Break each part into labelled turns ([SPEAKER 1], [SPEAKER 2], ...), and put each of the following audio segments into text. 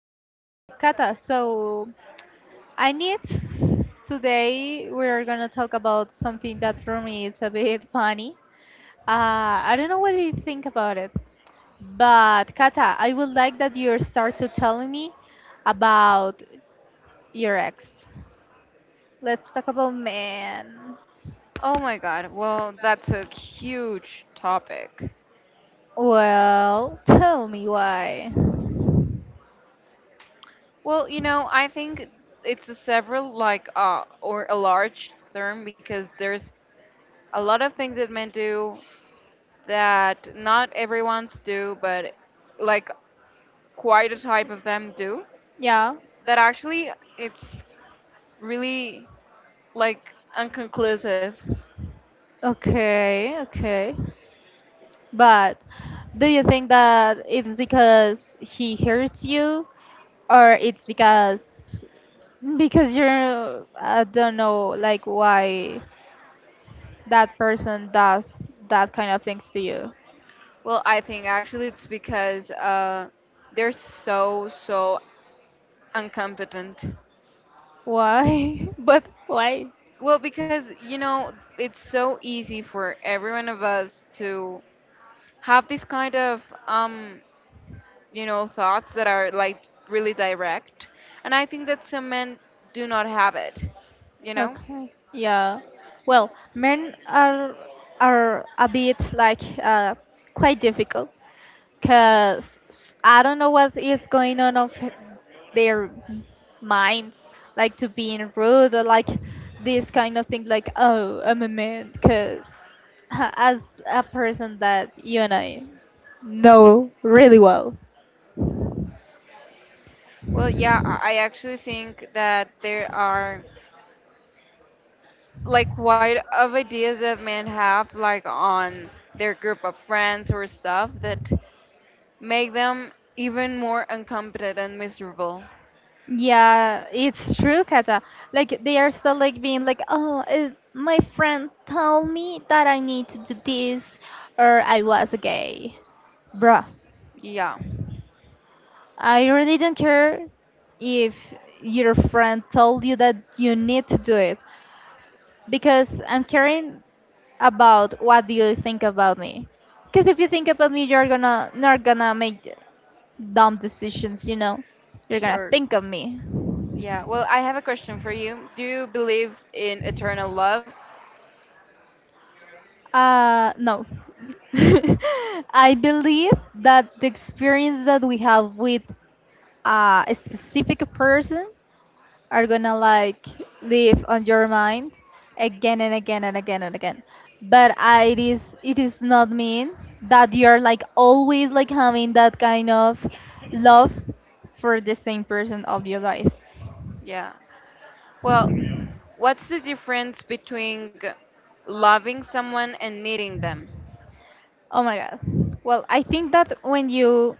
[SPEAKER 1] Kata, so I need today we're gonna talk about something that for me is a bit funny. I don't know what you think about it, but Kata, I would like that you start to telling me about your ex. Let's talk about men.
[SPEAKER 2] Oh my God. Well, that's a huge topic.
[SPEAKER 1] Well, tell me why.
[SPEAKER 2] Well, you know, I think it's a several like or a large term because there's a lot of things that men do that not everyone's do, but like quite a type of them do
[SPEAKER 1] Yeah.
[SPEAKER 2] that actually it's really like unconclusive.
[SPEAKER 1] Okay, okay. But do you think that it's because he hurts you or it's because you're I don't know like why that person does that kind of things to you?
[SPEAKER 2] Well, I think actually it's because they're so incompetent.
[SPEAKER 1] Why? But why?
[SPEAKER 2] Well, because you know, it's so easy for every one of us to have this kind of you know, thoughts that are like really direct, and I think that some men do not have it, you know?
[SPEAKER 1] Okay. Yeah. Well, men are a bit like quite difficult because I don't know what is going on of their minds, like to being rude or like this kind of thing, like oh I'm a man, because as a person that you and I know really well.
[SPEAKER 2] Well, yeah, I actually think that there are like quite of ideas that men have like on their group of friends or stuff that make them even more incompetent and miserable.
[SPEAKER 1] Yeah, it's true, Kata. Like they are still like being like, oh, my friend told me that I need to do this, or I was gay, bruh.
[SPEAKER 2] Yeah,
[SPEAKER 1] I really don't care if your friend told you that you need to do it because I'm caring about what do you think about me. Because if you think about me, you're gonna not gonna make dumb decisions. You know, you're gonna
[SPEAKER 2] sure.
[SPEAKER 1] think of me.
[SPEAKER 2] Yeah, well, I have a question for you. Do you believe in eternal love?
[SPEAKER 1] No. I believe that the experience that we have with a specific person are gonna like live on your mind again and again and again and again. But it is not mean that you're like always like having that kind of love for the same person of your life.
[SPEAKER 2] Yeah. Well, what's the difference between loving someone and needing them?
[SPEAKER 1] Oh my god. Well, I think that when you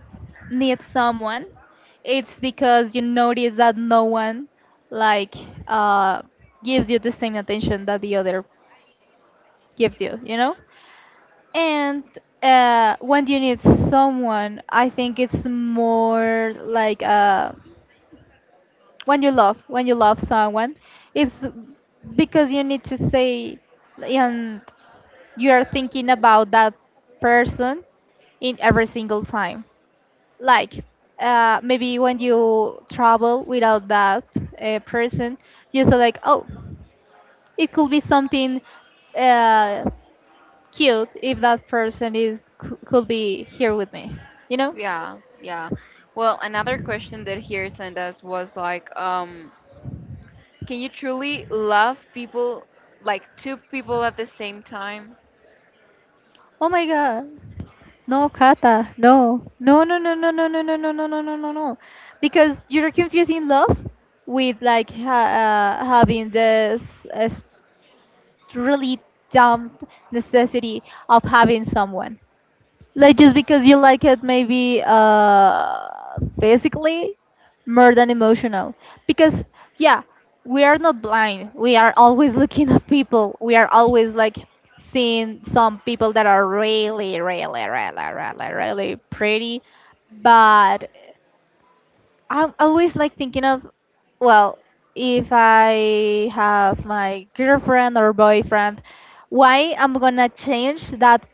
[SPEAKER 1] need someone, it's because you notice that no one like uh gives you the same attention that the other gives you, you know? And when you need someone, I think it's more like when you love someone, it's because you need to say and you are thinking about that person in every single time. Like maybe when you travel without that person, you say like, oh, it could be something uh, cute if that person is could be here with me, you know?
[SPEAKER 2] Yeah, yeah. Well, another question that here sent us was like, can you truly love people, like two people at the same time?
[SPEAKER 1] Oh my god. No, Kata. No. No, no, no, no, no, no, no, no, no, no, no, no, no. Because you're confusing love with like ha having this uh, really dumb necessity of having someone. Like just because you like it, maybe physically more than emotional. Because yeah, we are not blind. We are always looking at people. We are always like seeing some people that are really, really, really, really, really pretty. But I'm always like thinking of, well, if I have my girlfriend or boyfriend, why I'm gonna change that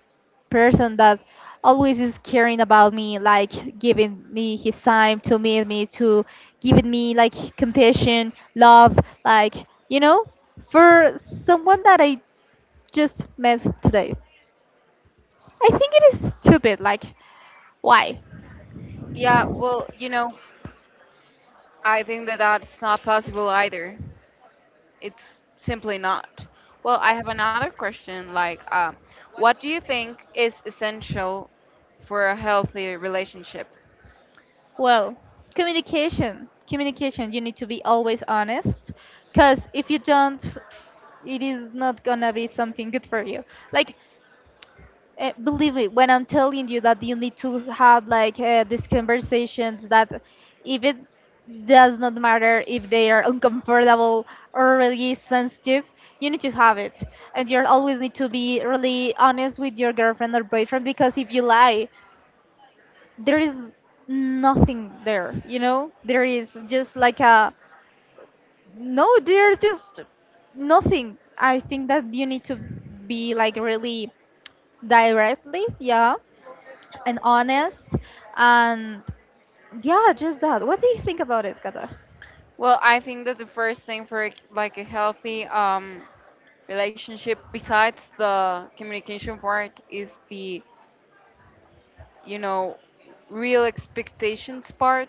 [SPEAKER 1] person that always is caring about me, like giving me his time to meet me, to giving me like compassion, love, like, you know, for someone that I just met today. I think it is stupid. Like, why?
[SPEAKER 2] Yeah, well, you know, I think that that's not possible either. It's simply not. Well, I have another question. Like, what do you think is essential for a healthy relationship?
[SPEAKER 1] Well, communication. Communication. You need to be always honest because if you don't, it is not gonna be something good for you. Like, believe me when I'm telling you that you need to have like these conversations that if it does not matter if they are uncomfortable or really sensitive, you need to have it. And you always need to be really honest with your girlfriend or boyfriend because if you lie, there is nothing there, you know? There is just like a no, there's just nothing. I think that you need to be like really directly, yeah and honest. And yeah, just that. What do you think about it, Kata?
[SPEAKER 2] Well, I think that the first thing for like a healthy relationship, besides the communication part, is the you know real expectations part,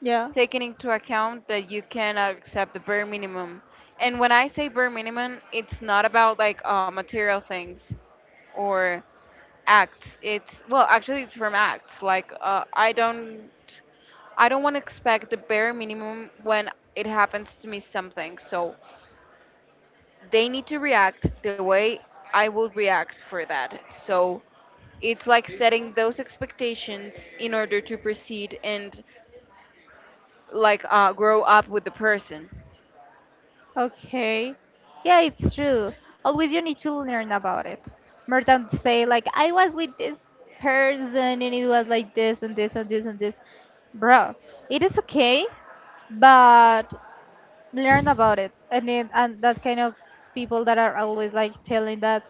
[SPEAKER 1] Yeah.
[SPEAKER 2] taking into account that you cannot accept the bare minimum. And when I say bare minimum, it's not about like material things or acts. It's well actually it's from acts like I don't want to expect the bare minimum when it happens to me something, so they need to react the way I will react for that. So it's like setting those expectations in order to proceed and like grow up with the person.
[SPEAKER 1] Okay. Yeah, it's true. Always you need to learn about it. More than to say like I was with this person and it was like this and this and this and this. Bro, it is okay, but learn about it. And it, and that kind of people that are always like telling that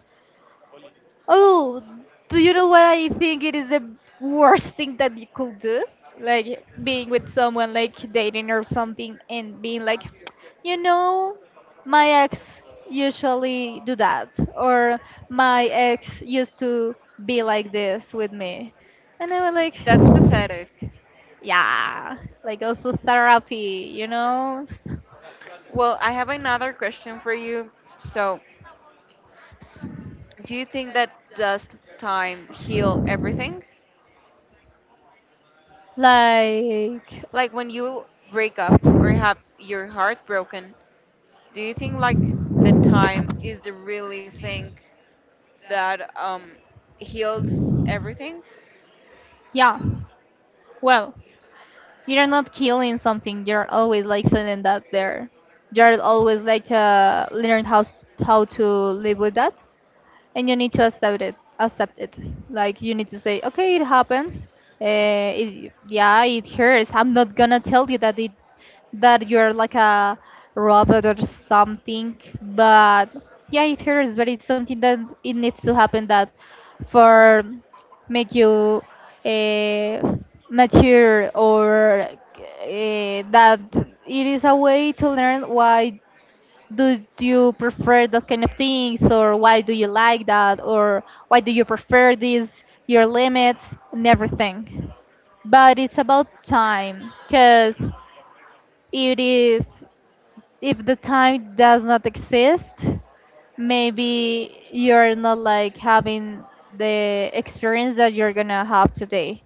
[SPEAKER 1] oh, do you know what I think it is the worst thing that you could do? Like being with someone, like dating or something, and being like, you know, my ex usually do that, or my ex used to be like this with me. And I was like,
[SPEAKER 2] That's pathetic.
[SPEAKER 1] yeah, like go for therapy, you know?
[SPEAKER 2] Well, I have another question for you. So, do you think that does time heal everything?
[SPEAKER 1] Like,
[SPEAKER 2] Like when you break up or have your heart broken, do you think like the time is the really thing that heals everything?
[SPEAKER 1] yeah, well, you're not killing something. You're always like feeling that there. You're always like learn how how to live with that, and you need to accept it. Accept it. Like you need to say, okay, it happens. Yeah, it hurts. I'm not gonna tell you that it that you're like a robot or something. But yeah, it hurts, but it's something that it needs to happen that for make you uh, mature or that it is a way to learn why do you prefer that kind of things or why do you like that or why do you prefer these your limits and everything but it's about time because it is if the time does not exist, maybe you're not like having the experience that you're gonna have today.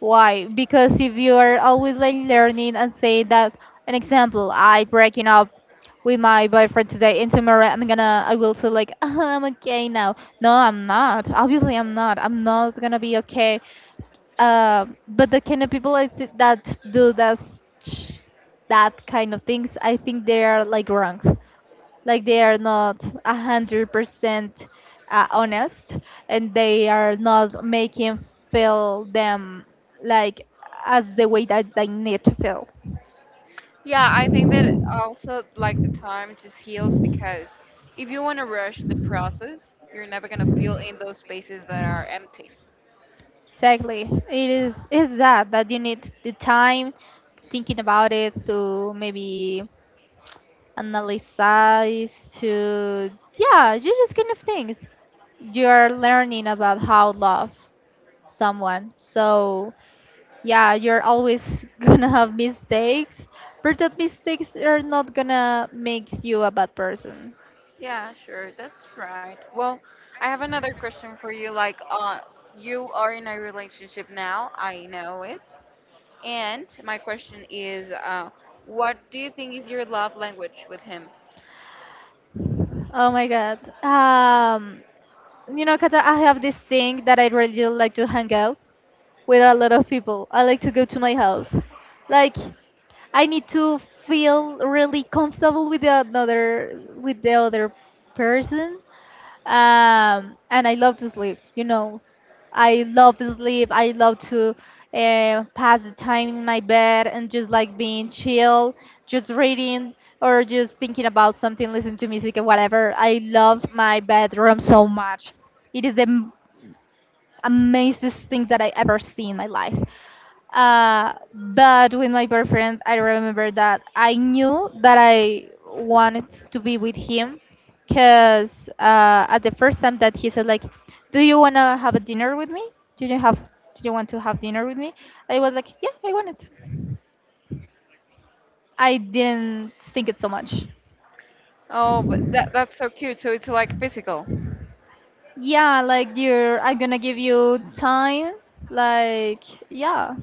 [SPEAKER 1] Why? Because if you are always like learning and say that an example, I breaking up with my boyfriend today and tomorrow I'm gonna I will say like I'm okay now. No, I'm not. Obviously I'm not. I'm not gonna be okay. But the kind of people that do that sh- that kind of things, I think they are like wrong like they are not 100% honest and they are not making feel them like as the way that they need to feel
[SPEAKER 2] Yeah, I think that also like the time just heals, because if you want to rush the process, you're never going to feel in those spaces that are empty.
[SPEAKER 1] exactly it is it's that that you need the time to thinking about it to maybe analyze to yeah you just kind of things you're learning about how love someone so yeah, you're always gonna have mistakes, but that mistakes are not gonna make you a bad person.
[SPEAKER 2] Yeah, sure. That's right. Well, I have another question for you. Like, you are in a relationship now. I know it. And my question is, what do you think is your love language with him?
[SPEAKER 1] Oh my god. Kata, I have this thing that I really like to hang out with a lot of people. I like to go to my house. Like, I need to feel really comfortable with the another with the other person. And I love to sleep. You know, I love sleep. I love to pass the time in my bed and just like being chill, just reading or just thinking about something, listening to music or whatever. I love my bedroom so much. It is the amazing thing that I ever see in my life. But with my boyfriend, I remember that I knew that I wanted to be with him because at the first time that he said like, "Do you wanna have a dinner with me? Do you want to have dinner with me?" I was like, "Yeah, I want it." I didn't think it so much.
[SPEAKER 2] Oh, but that's so cute. So it's like physical.
[SPEAKER 1] Yeah, like you're, I'm gonna give you time. Like, yeah.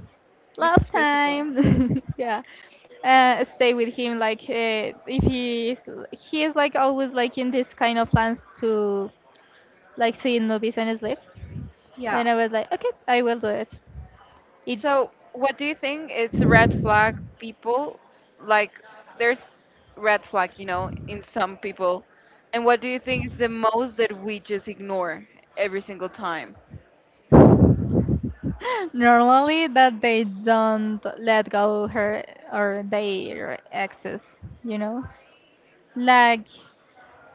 [SPEAKER 1] Love
[SPEAKER 2] It's physical.
[SPEAKER 1] time yeah stay with him like if he is like always like in this kind of plans to like seeing movies and sleep
[SPEAKER 2] Yeah.
[SPEAKER 1] and I was like okay I will do it
[SPEAKER 2] So, what do you think? It's a red flag people like there's red flag, you know, in some
[SPEAKER 1] it
[SPEAKER 2] people. And what do you think is the most that we just ignore every single time?
[SPEAKER 1] Normally, that they don't let go her or their exes, you know? Like,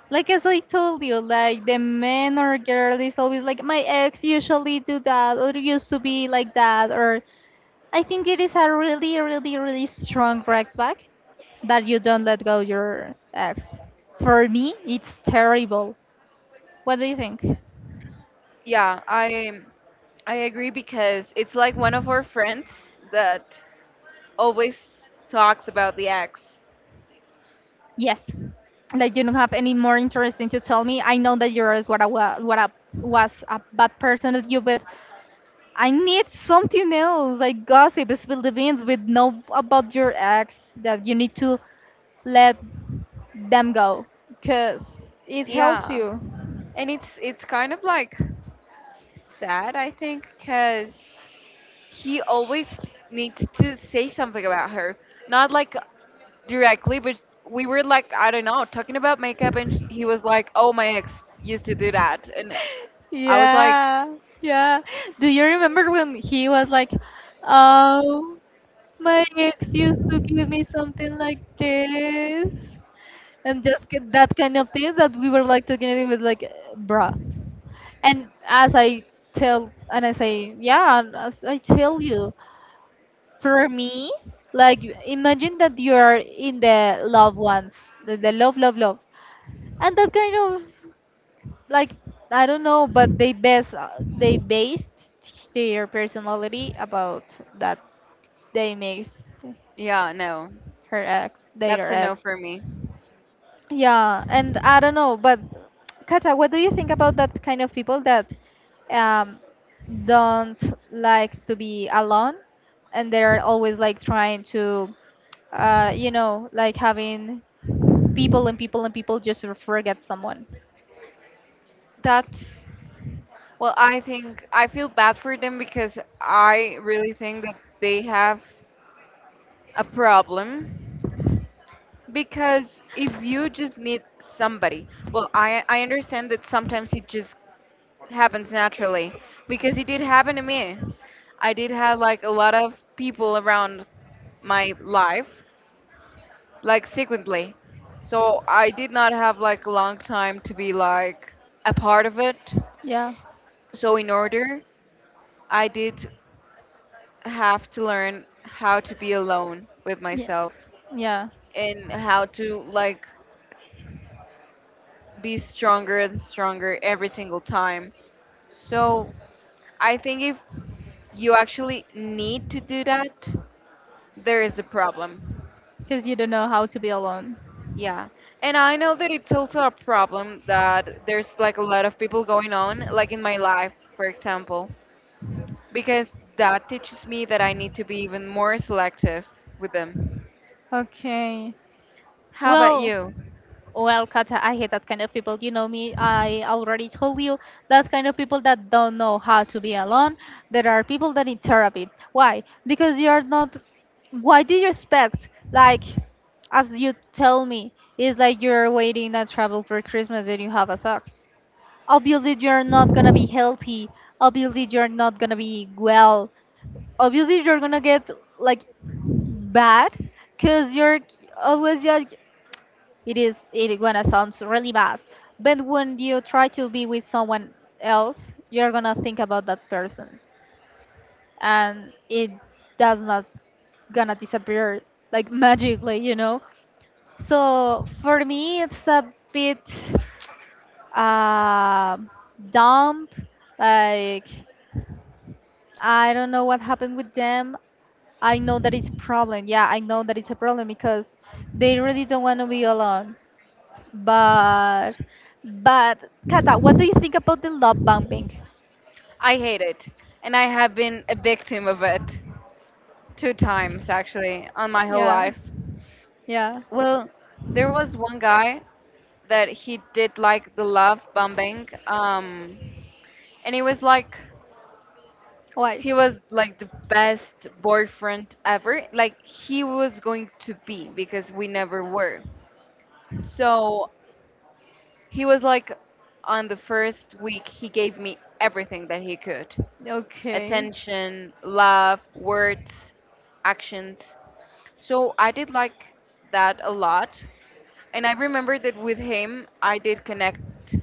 [SPEAKER 1] like as I told you, like the man or girl is always like, my ex usually do that or used to be like that, or I think it is a really, really, really strong red flag that you don't let go your ex. For me, it's terrible. What do you think?
[SPEAKER 2] Yeah, I agree because it's like one of our friends that always talks about the ex.
[SPEAKER 1] Yes, like you don't have any more interesting to tell me. I know that you're what I was a bad person at you, but I need something else, like gossip, spill the beans, with know about your ex that you need to let them go, cause it helps
[SPEAKER 2] Yeah.
[SPEAKER 1] you.
[SPEAKER 2] And it's kind of like sad, I think, because he always needs to say something about her. Not like directly, but we were like, I don't know, talking about makeup, and he was like, "Oh, my ex used to do that," and I was like,
[SPEAKER 1] Yeah, yeah. Do you remember when he was like, "Oh, my ex used to give me something like this"? And just get that kind of things that we were like talking and it was like, bruh, and as I tell, and I say yeah, and as I tell you, for me, like, imagine that you are in the loved ones, the love and that kind of, like, I don't know, but they based their personality about that, they mixed
[SPEAKER 2] "Yeah, no,
[SPEAKER 1] her ex
[SPEAKER 2] that's
[SPEAKER 1] their
[SPEAKER 2] a no
[SPEAKER 1] ex."
[SPEAKER 2] for me."
[SPEAKER 1] Yeah, and I don't know, but Kata, what do you think about that kind of people that um, don't like to be alone and they're always like trying to, like having people and people and people just to forget someone?
[SPEAKER 2] That's well, I think I feel bad for them because I really think that they have a problem, because if you just need somebody, well, I understand that sometimes it just happens naturally because it did happen to me. I did have like a lot of people around my life, like sequently. So I did not have like a long time to be like a part of it.
[SPEAKER 1] Yeah.
[SPEAKER 2] So in order, I did have to learn how to be alone with
[SPEAKER 1] Yeah.
[SPEAKER 2] myself
[SPEAKER 1] Yeah,
[SPEAKER 2] and how to like be stronger and stronger every single time. So I think if you actually need to do that, there is a problem.
[SPEAKER 1] because you don't know how to be alone.
[SPEAKER 2] Yeah. And I know that it's also a problem that there's like a lot of people going on, like in my life, for example, because that teaches me that I need to be even more selective with them.
[SPEAKER 1] Okay.
[SPEAKER 2] How about
[SPEAKER 1] Well,
[SPEAKER 2] you?
[SPEAKER 1] Katja, I hate that kind of people. You know me, I already told you that kind of people that don't know how to be alone. There are people that need therapy. Why? Because you are not. Why do you expect, like, as you tell me, it's like you're waiting and travel for Christmas and you have a socks. Obviously, you're not gonna be healthy. Obviously, you're not gonna be well. Obviously, you're gonna get, like, bad because you're always, like, it is it gonna sound really bad, but when you try to be with someone else, you're gonna think about that person, and it does not gonna disappear, like, magically, you know. So for me, it's a bit uh, dumb. Like, I don't know what happened with them. I know that it's problem, yeah, I know that it's a problem because they really don't want to be alone. But but Kata, what do you think about the love bombing?
[SPEAKER 2] I hate it. And I have been a victim of it two times actually on my whole
[SPEAKER 1] Yeah,
[SPEAKER 2] life.
[SPEAKER 1] yeah.
[SPEAKER 2] Well, there was one guy that he did like the love bombing and it was like
[SPEAKER 1] Why?
[SPEAKER 2] he was like the best boyfriend ever. Like he was going to be because we never were. So he was like on the first week he gave me everything that he could.
[SPEAKER 1] Okay.
[SPEAKER 2] Attention, love, words, actions. So I did like that a lot. And I remember that with him I did connect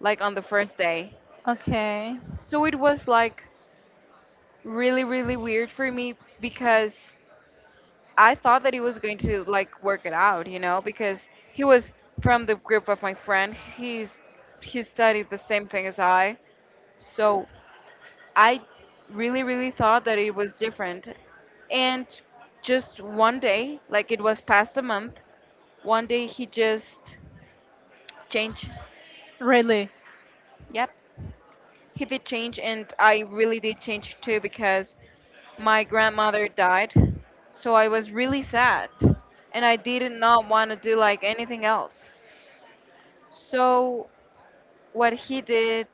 [SPEAKER 2] like on the first day.
[SPEAKER 1] Okay.
[SPEAKER 2] So it was like really really weird for me because I thought that he was going to like work it out, you know, because he was from the group of my friend. He's he studied the same thing as I. So I really really thought that it was different. And just one day, like it was past the month, one day he just changed.
[SPEAKER 1] Really?
[SPEAKER 2] Yep. He did change and I really did change too because my grandmother died. So I was really sad and I did not want to do like anything else. So what he did,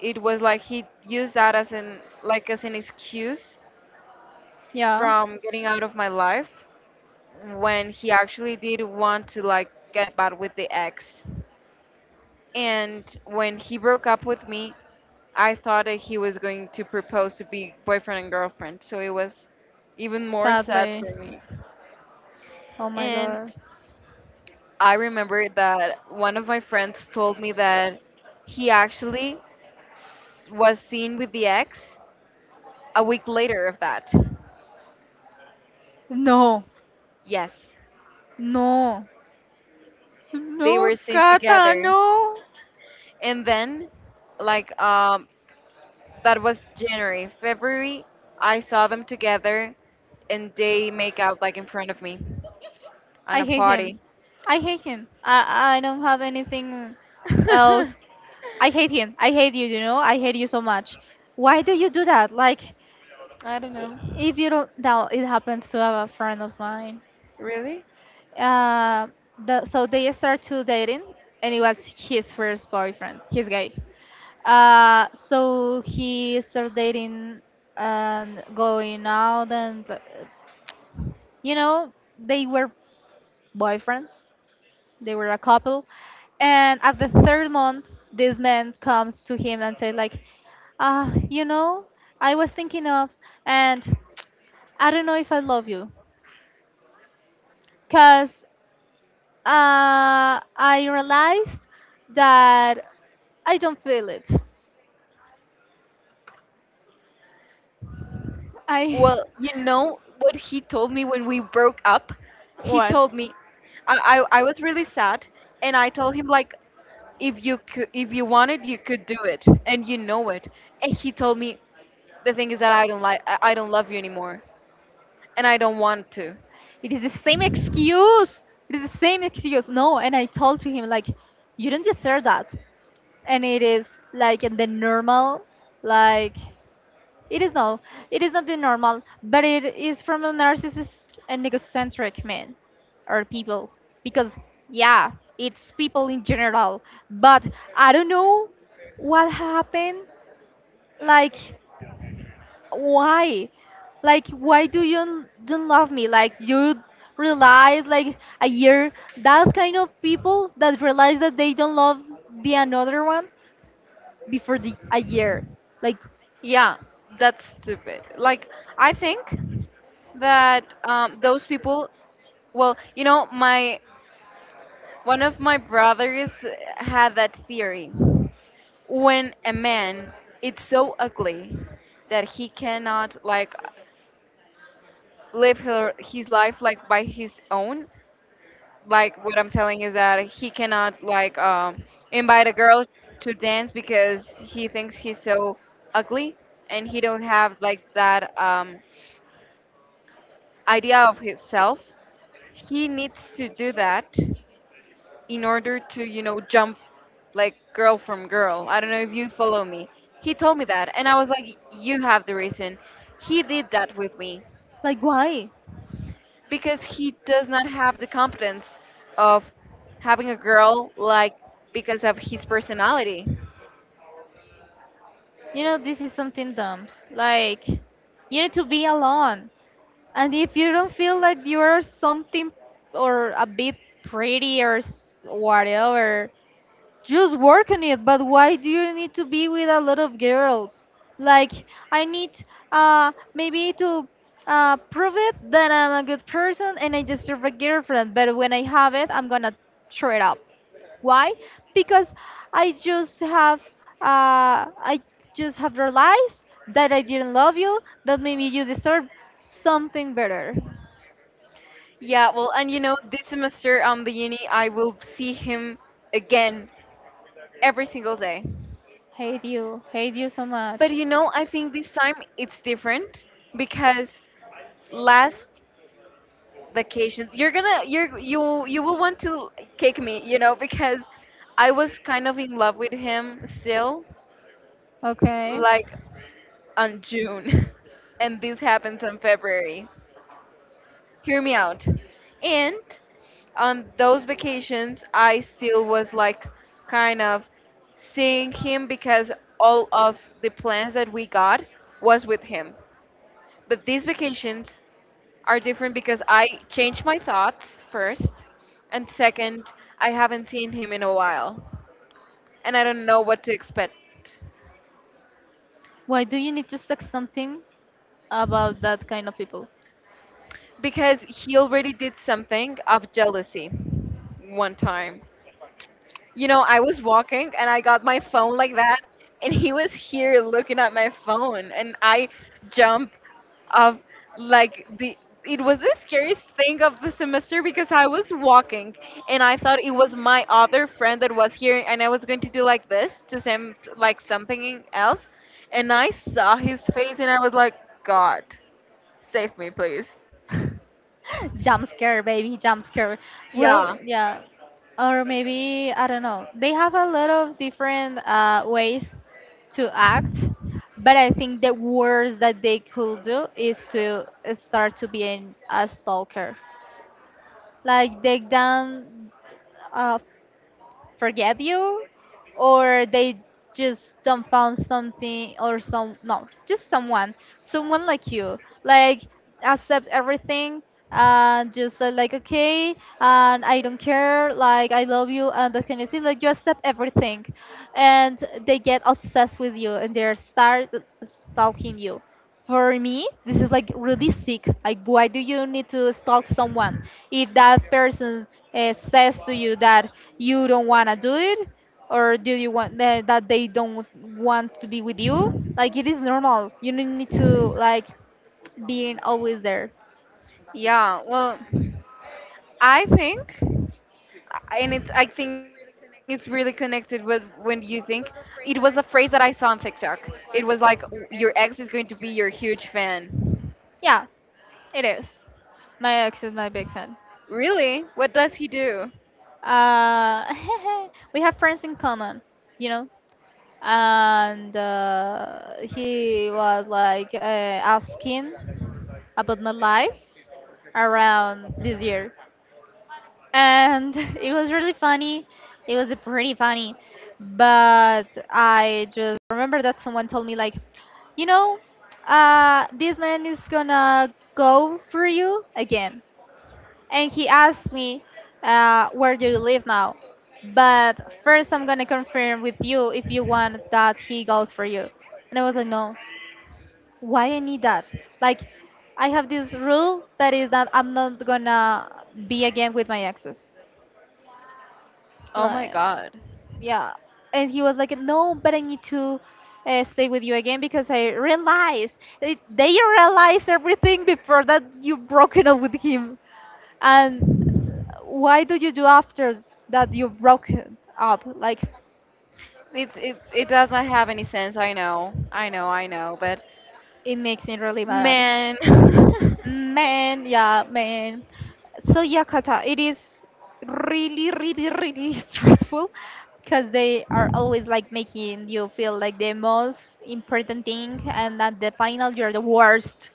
[SPEAKER 2] it was like he used that as an like as an excuse
[SPEAKER 1] Yeah.
[SPEAKER 2] from getting out of my life when he actually did want to like get back with the ex. And when he broke up with me, I thought that he was going to propose to be boyfriend and girlfriend. So it was even more sad for
[SPEAKER 1] Sadly.
[SPEAKER 2] me.
[SPEAKER 1] Oh my
[SPEAKER 2] And
[SPEAKER 1] god.
[SPEAKER 2] I remember that one of my friends told me that he actually was seen with the ex a week later of that.
[SPEAKER 1] No,
[SPEAKER 2] Yes,
[SPEAKER 1] no, no,
[SPEAKER 2] they were seen
[SPEAKER 1] Kata,
[SPEAKER 2] together.
[SPEAKER 1] no.
[SPEAKER 2] And then, like, that was January. February, I saw them together and they make out, like, in front of me on
[SPEAKER 1] I
[SPEAKER 2] a
[SPEAKER 1] hate him.
[SPEAKER 2] party.
[SPEAKER 1] I hate him. I don't have anything
[SPEAKER 2] I
[SPEAKER 1] else. I hate him. I hate you. You know, I hate you so much. Why do you do that?
[SPEAKER 2] don't
[SPEAKER 1] I-
[SPEAKER 2] know.
[SPEAKER 1] if you don't, now it happens to a friend of mine.
[SPEAKER 2] Really?
[SPEAKER 1] Uh, so they start to dating, and it was his first boyfriend. He's gay. So he started dating and going out and, you know, they were boyfriends, they were a couple. And at the third month, this man comes to him and says, like, ah, you know, I was thinking of, and I don't know if I love you, cause I realized that I don't feel it. I
[SPEAKER 2] Well, you know what he told me when we broke up? He told me, I, I was really sad, and I told him like, if you could, if you wanted, you could do it, and you know it. And he told me, the thing is that I don't love you anymore and I don't want to.
[SPEAKER 1] It is the same excuse. It is the same excuse. No, and I told to him like, you don't deserve that. And it is like the normal, like it is not. It is not the normal, but it is from a narcissist and egocentric man or people. Because yeah, it's people in general. But I don't know what happened. Like why? Like why do you don't love me? Like you realize like a year that kind of people that realize that they don't love the another one before the a year. Like.
[SPEAKER 2] Yeah, that's stupid. Like I think that those people well, you know, my one of my brothers had that theory. When a man it's so ugly that he cannot like live her, his life like by his own, like what I'm telling is that he cannot like invite a girl to dance because he thinks he's so ugly and he don't have like that idea of himself. He needs to do that in order to you know jump like girl from girl. I don't know if you follow me. He told me that and I was like, you have the reason. He did that with me.
[SPEAKER 1] Like, why?
[SPEAKER 2] Because he does not have the competence of having a girl like because of his personality.
[SPEAKER 1] You know, this is something dumb. Like, you need to be alone. And if you don't feel like you're something or a bit pretty or whatever, just work on it, but why do you need to be with a lot of girls? Like, I need maybe to prove it that I'm a good person and I deserve a girlfriend, but when I have it, I'm gonna throw it up. Why? Because I just have I just have realized that I didn't love you, that maybe you deserve something better.
[SPEAKER 2] Yeah, well, and you know, this semester on the uni, I will see him again every single day.
[SPEAKER 1] Hate you so much.
[SPEAKER 2] But you know, I think this time it's different because last vacations, you're gonna, you're, you will want to kick me, you know, because I was kind of in love with him still,
[SPEAKER 1] Okay.
[SPEAKER 2] like on June, and this happens in February. Hear me out. And on those vacations, I still was like kind of seeing him because all of the plans that we got was with him. But these vacations are different because I changed my thoughts first, and second, I haven't seen him in a while, and I don't know what to expect
[SPEAKER 1] Why do you need to expect something about that kind of people?
[SPEAKER 2] because he already did something of jealousy one time. You know, I was walking and I got my phone like that, and he was here looking at my phone, and I jumped of like the it was the scariest thing of the semester because I was walking and I thought it was my other friend that was here and I was going to do like this to him like something else. And I saw his face and I was like, god save me please.
[SPEAKER 1] Jump scare, baby, jump scare. Well,
[SPEAKER 2] Yeah,
[SPEAKER 1] yeah. Or maybe, I don't know. They have a lot of different ways to act, but I think the worst that they could do is to start to be a stalker. Like, take down uh, forgive you, or they just don't found something or some no just someone someone like you, like, accept everything and just say like okay, and I don't care, like, I love you and that kind of thing, like you accept everything, and they get obsessed with you and they start stalking you. For me this is like really sick. Like why do you need to stalk someone if that person says to you that you don't want to do it, or do you want that, they don't want to be with you. Like it is normal, you don't need to, like, being always there.
[SPEAKER 2] yeah, well I think, and it's I think it's really connected with when you think it was a phrase that I saw on TikTok. It was like, Your ex is going to be your huge fan."
[SPEAKER 1] Yeah, it is, my ex is my big fan.
[SPEAKER 2] Really? What does he do?
[SPEAKER 1] uh we have friends in common, you know, and he was like asking about my life around this year, and it was really funny. It was pretty funny, but I just remember that someone told me like, you know, this man is gonna go for you again, and he asked me, where do you live now? But first, I'm gonna confirm with you if you want that he goes for you. And I was like, no, why I need that? Like, I have this rule that is that I'm not gonna be again with my exes.
[SPEAKER 2] Oh my
[SPEAKER 1] Like.
[SPEAKER 2] god.
[SPEAKER 1] Yeah, and he was like, no, but I need to stay with you again because I realized, they realized everything before that you broken up with him. And why do you do after that you broken up, like,
[SPEAKER 2] It's it does not have any sense. I know. I know. I know, but
[SPEAKER 1] it makes me really mad.
[SPEAKER 2] man,
[SPEAKER 1] Man, yeah, man. So yeah, Kata, it is really, really, really stressful because they are always like making you feel like the most important thing, and at the final you're the worst.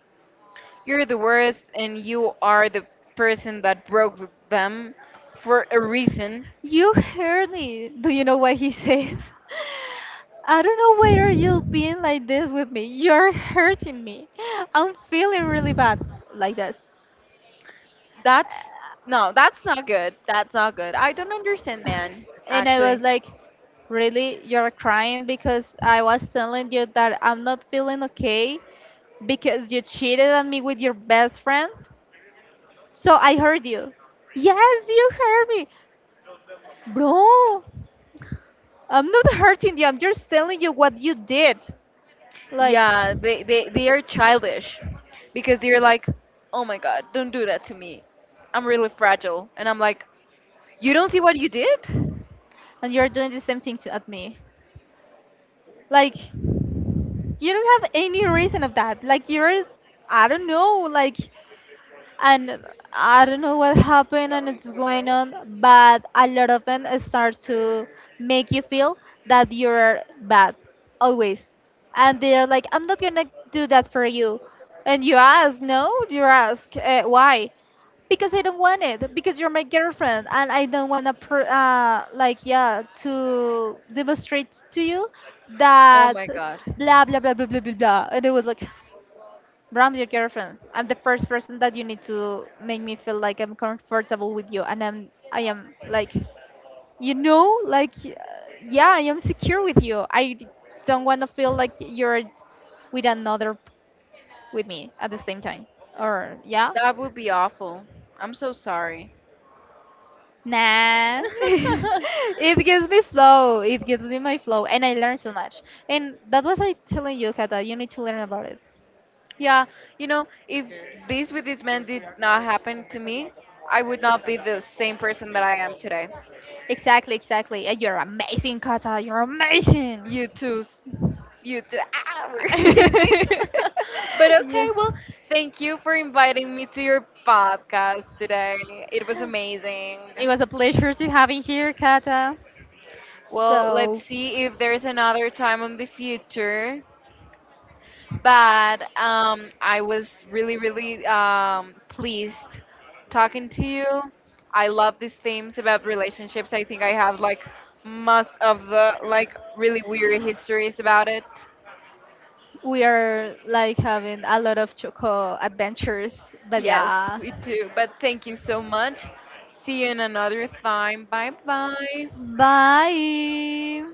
[SPEAKER 2] you're the worst and you are the person that broke them for a reason.
[SPEAKER 1] You heard me. Do you know what he says? I don't know whether you've been like this with me. You're hurting me. I'm feeling really bad like this.
[SPEAKER 2] That's no, that's not good. That's not good. I don't understand, man,
[SPEAKER 1] And I was
[SPEAKER 2] actually.
[SPEAKER 1] like, really, you're crying because I was telling you that I'm not feeling okay because you cheated on me with your best friend. So I hurt you. Yes, you hurt me. Bro, I'm not hurting you. I'm just telling you what you did. Like,
[SPEAKER 2] Yeah, they are childish because they're like, oh my god, don't do that to me. I'm really fragile. And I'm like, you don't see what you did?
[SPEAKER 1] and you're doing the same thing to, at me. Like, you don't have any reason of that. Like, you're, I don't know, like, and I don't know what happened and it's going on, but a lot of them start to make you feel that you're bad always, and they're like, "I'm not gonna do that for you," and you ask, "No," you ask, "Why?" Because I don't want it. Because you're my girlfriend, and I don't wanna, like, yeah, to demonstrate to you
[SPEAKER 2] Oh
[SPEAKER 1] that
[SPEAKER 2] my god.
[SPEAKER 1] blah blah blah blah blah blah blah. And it was like, Bram, your girlfriend. I'm the first person that you need to make me feel like I'm comfortable with you, and I am like, you know, like, yeah, I am secure with you. Don't want to feel like you're with another p- with me at the same time. Or yeah,
[SPEAKER 2] That would be awful. I'm so sorry.
[SPEAKER 1] nah. It gives me flow. It gives me my flow, and I learn so much. And that was I telling you, Kata. You need to learn about it.
[SPEAKER 2] Yeah, you know, if this with these men did not happen to me, I would not be the same person that I am today.
[SPEAKER 1] Exactly, exactly. And you're amazing, Kata. You're amazing.
[SPEAKER 2] You too. You too. Ah, we're amazing. But
[SPEAKER 1] Yeah.
[SPEAKER 2] okay, well, thank you for inviting me to your podcast today. It was amazing.
[SPEAKER 1] It was a pleasure to having here, Kata.
[SPEAKER 2] Well, let's
[SPEAKER 1] So
[SPEAKER 2] see if there's another time in the future. But I was really, really pleased talking to you. I love these themes about relationships. I think I have like most of the like really weird histories about it.
[SPEAKER 1] we are like having a lot of choco adventures, but
[SPEAKER 2] Yes,
[SPEAKER 1] yeah.
[SPEAKER 2] we do. But thank you so much. See you in another time. Bye bye.
[SPEAKER 1] Bye.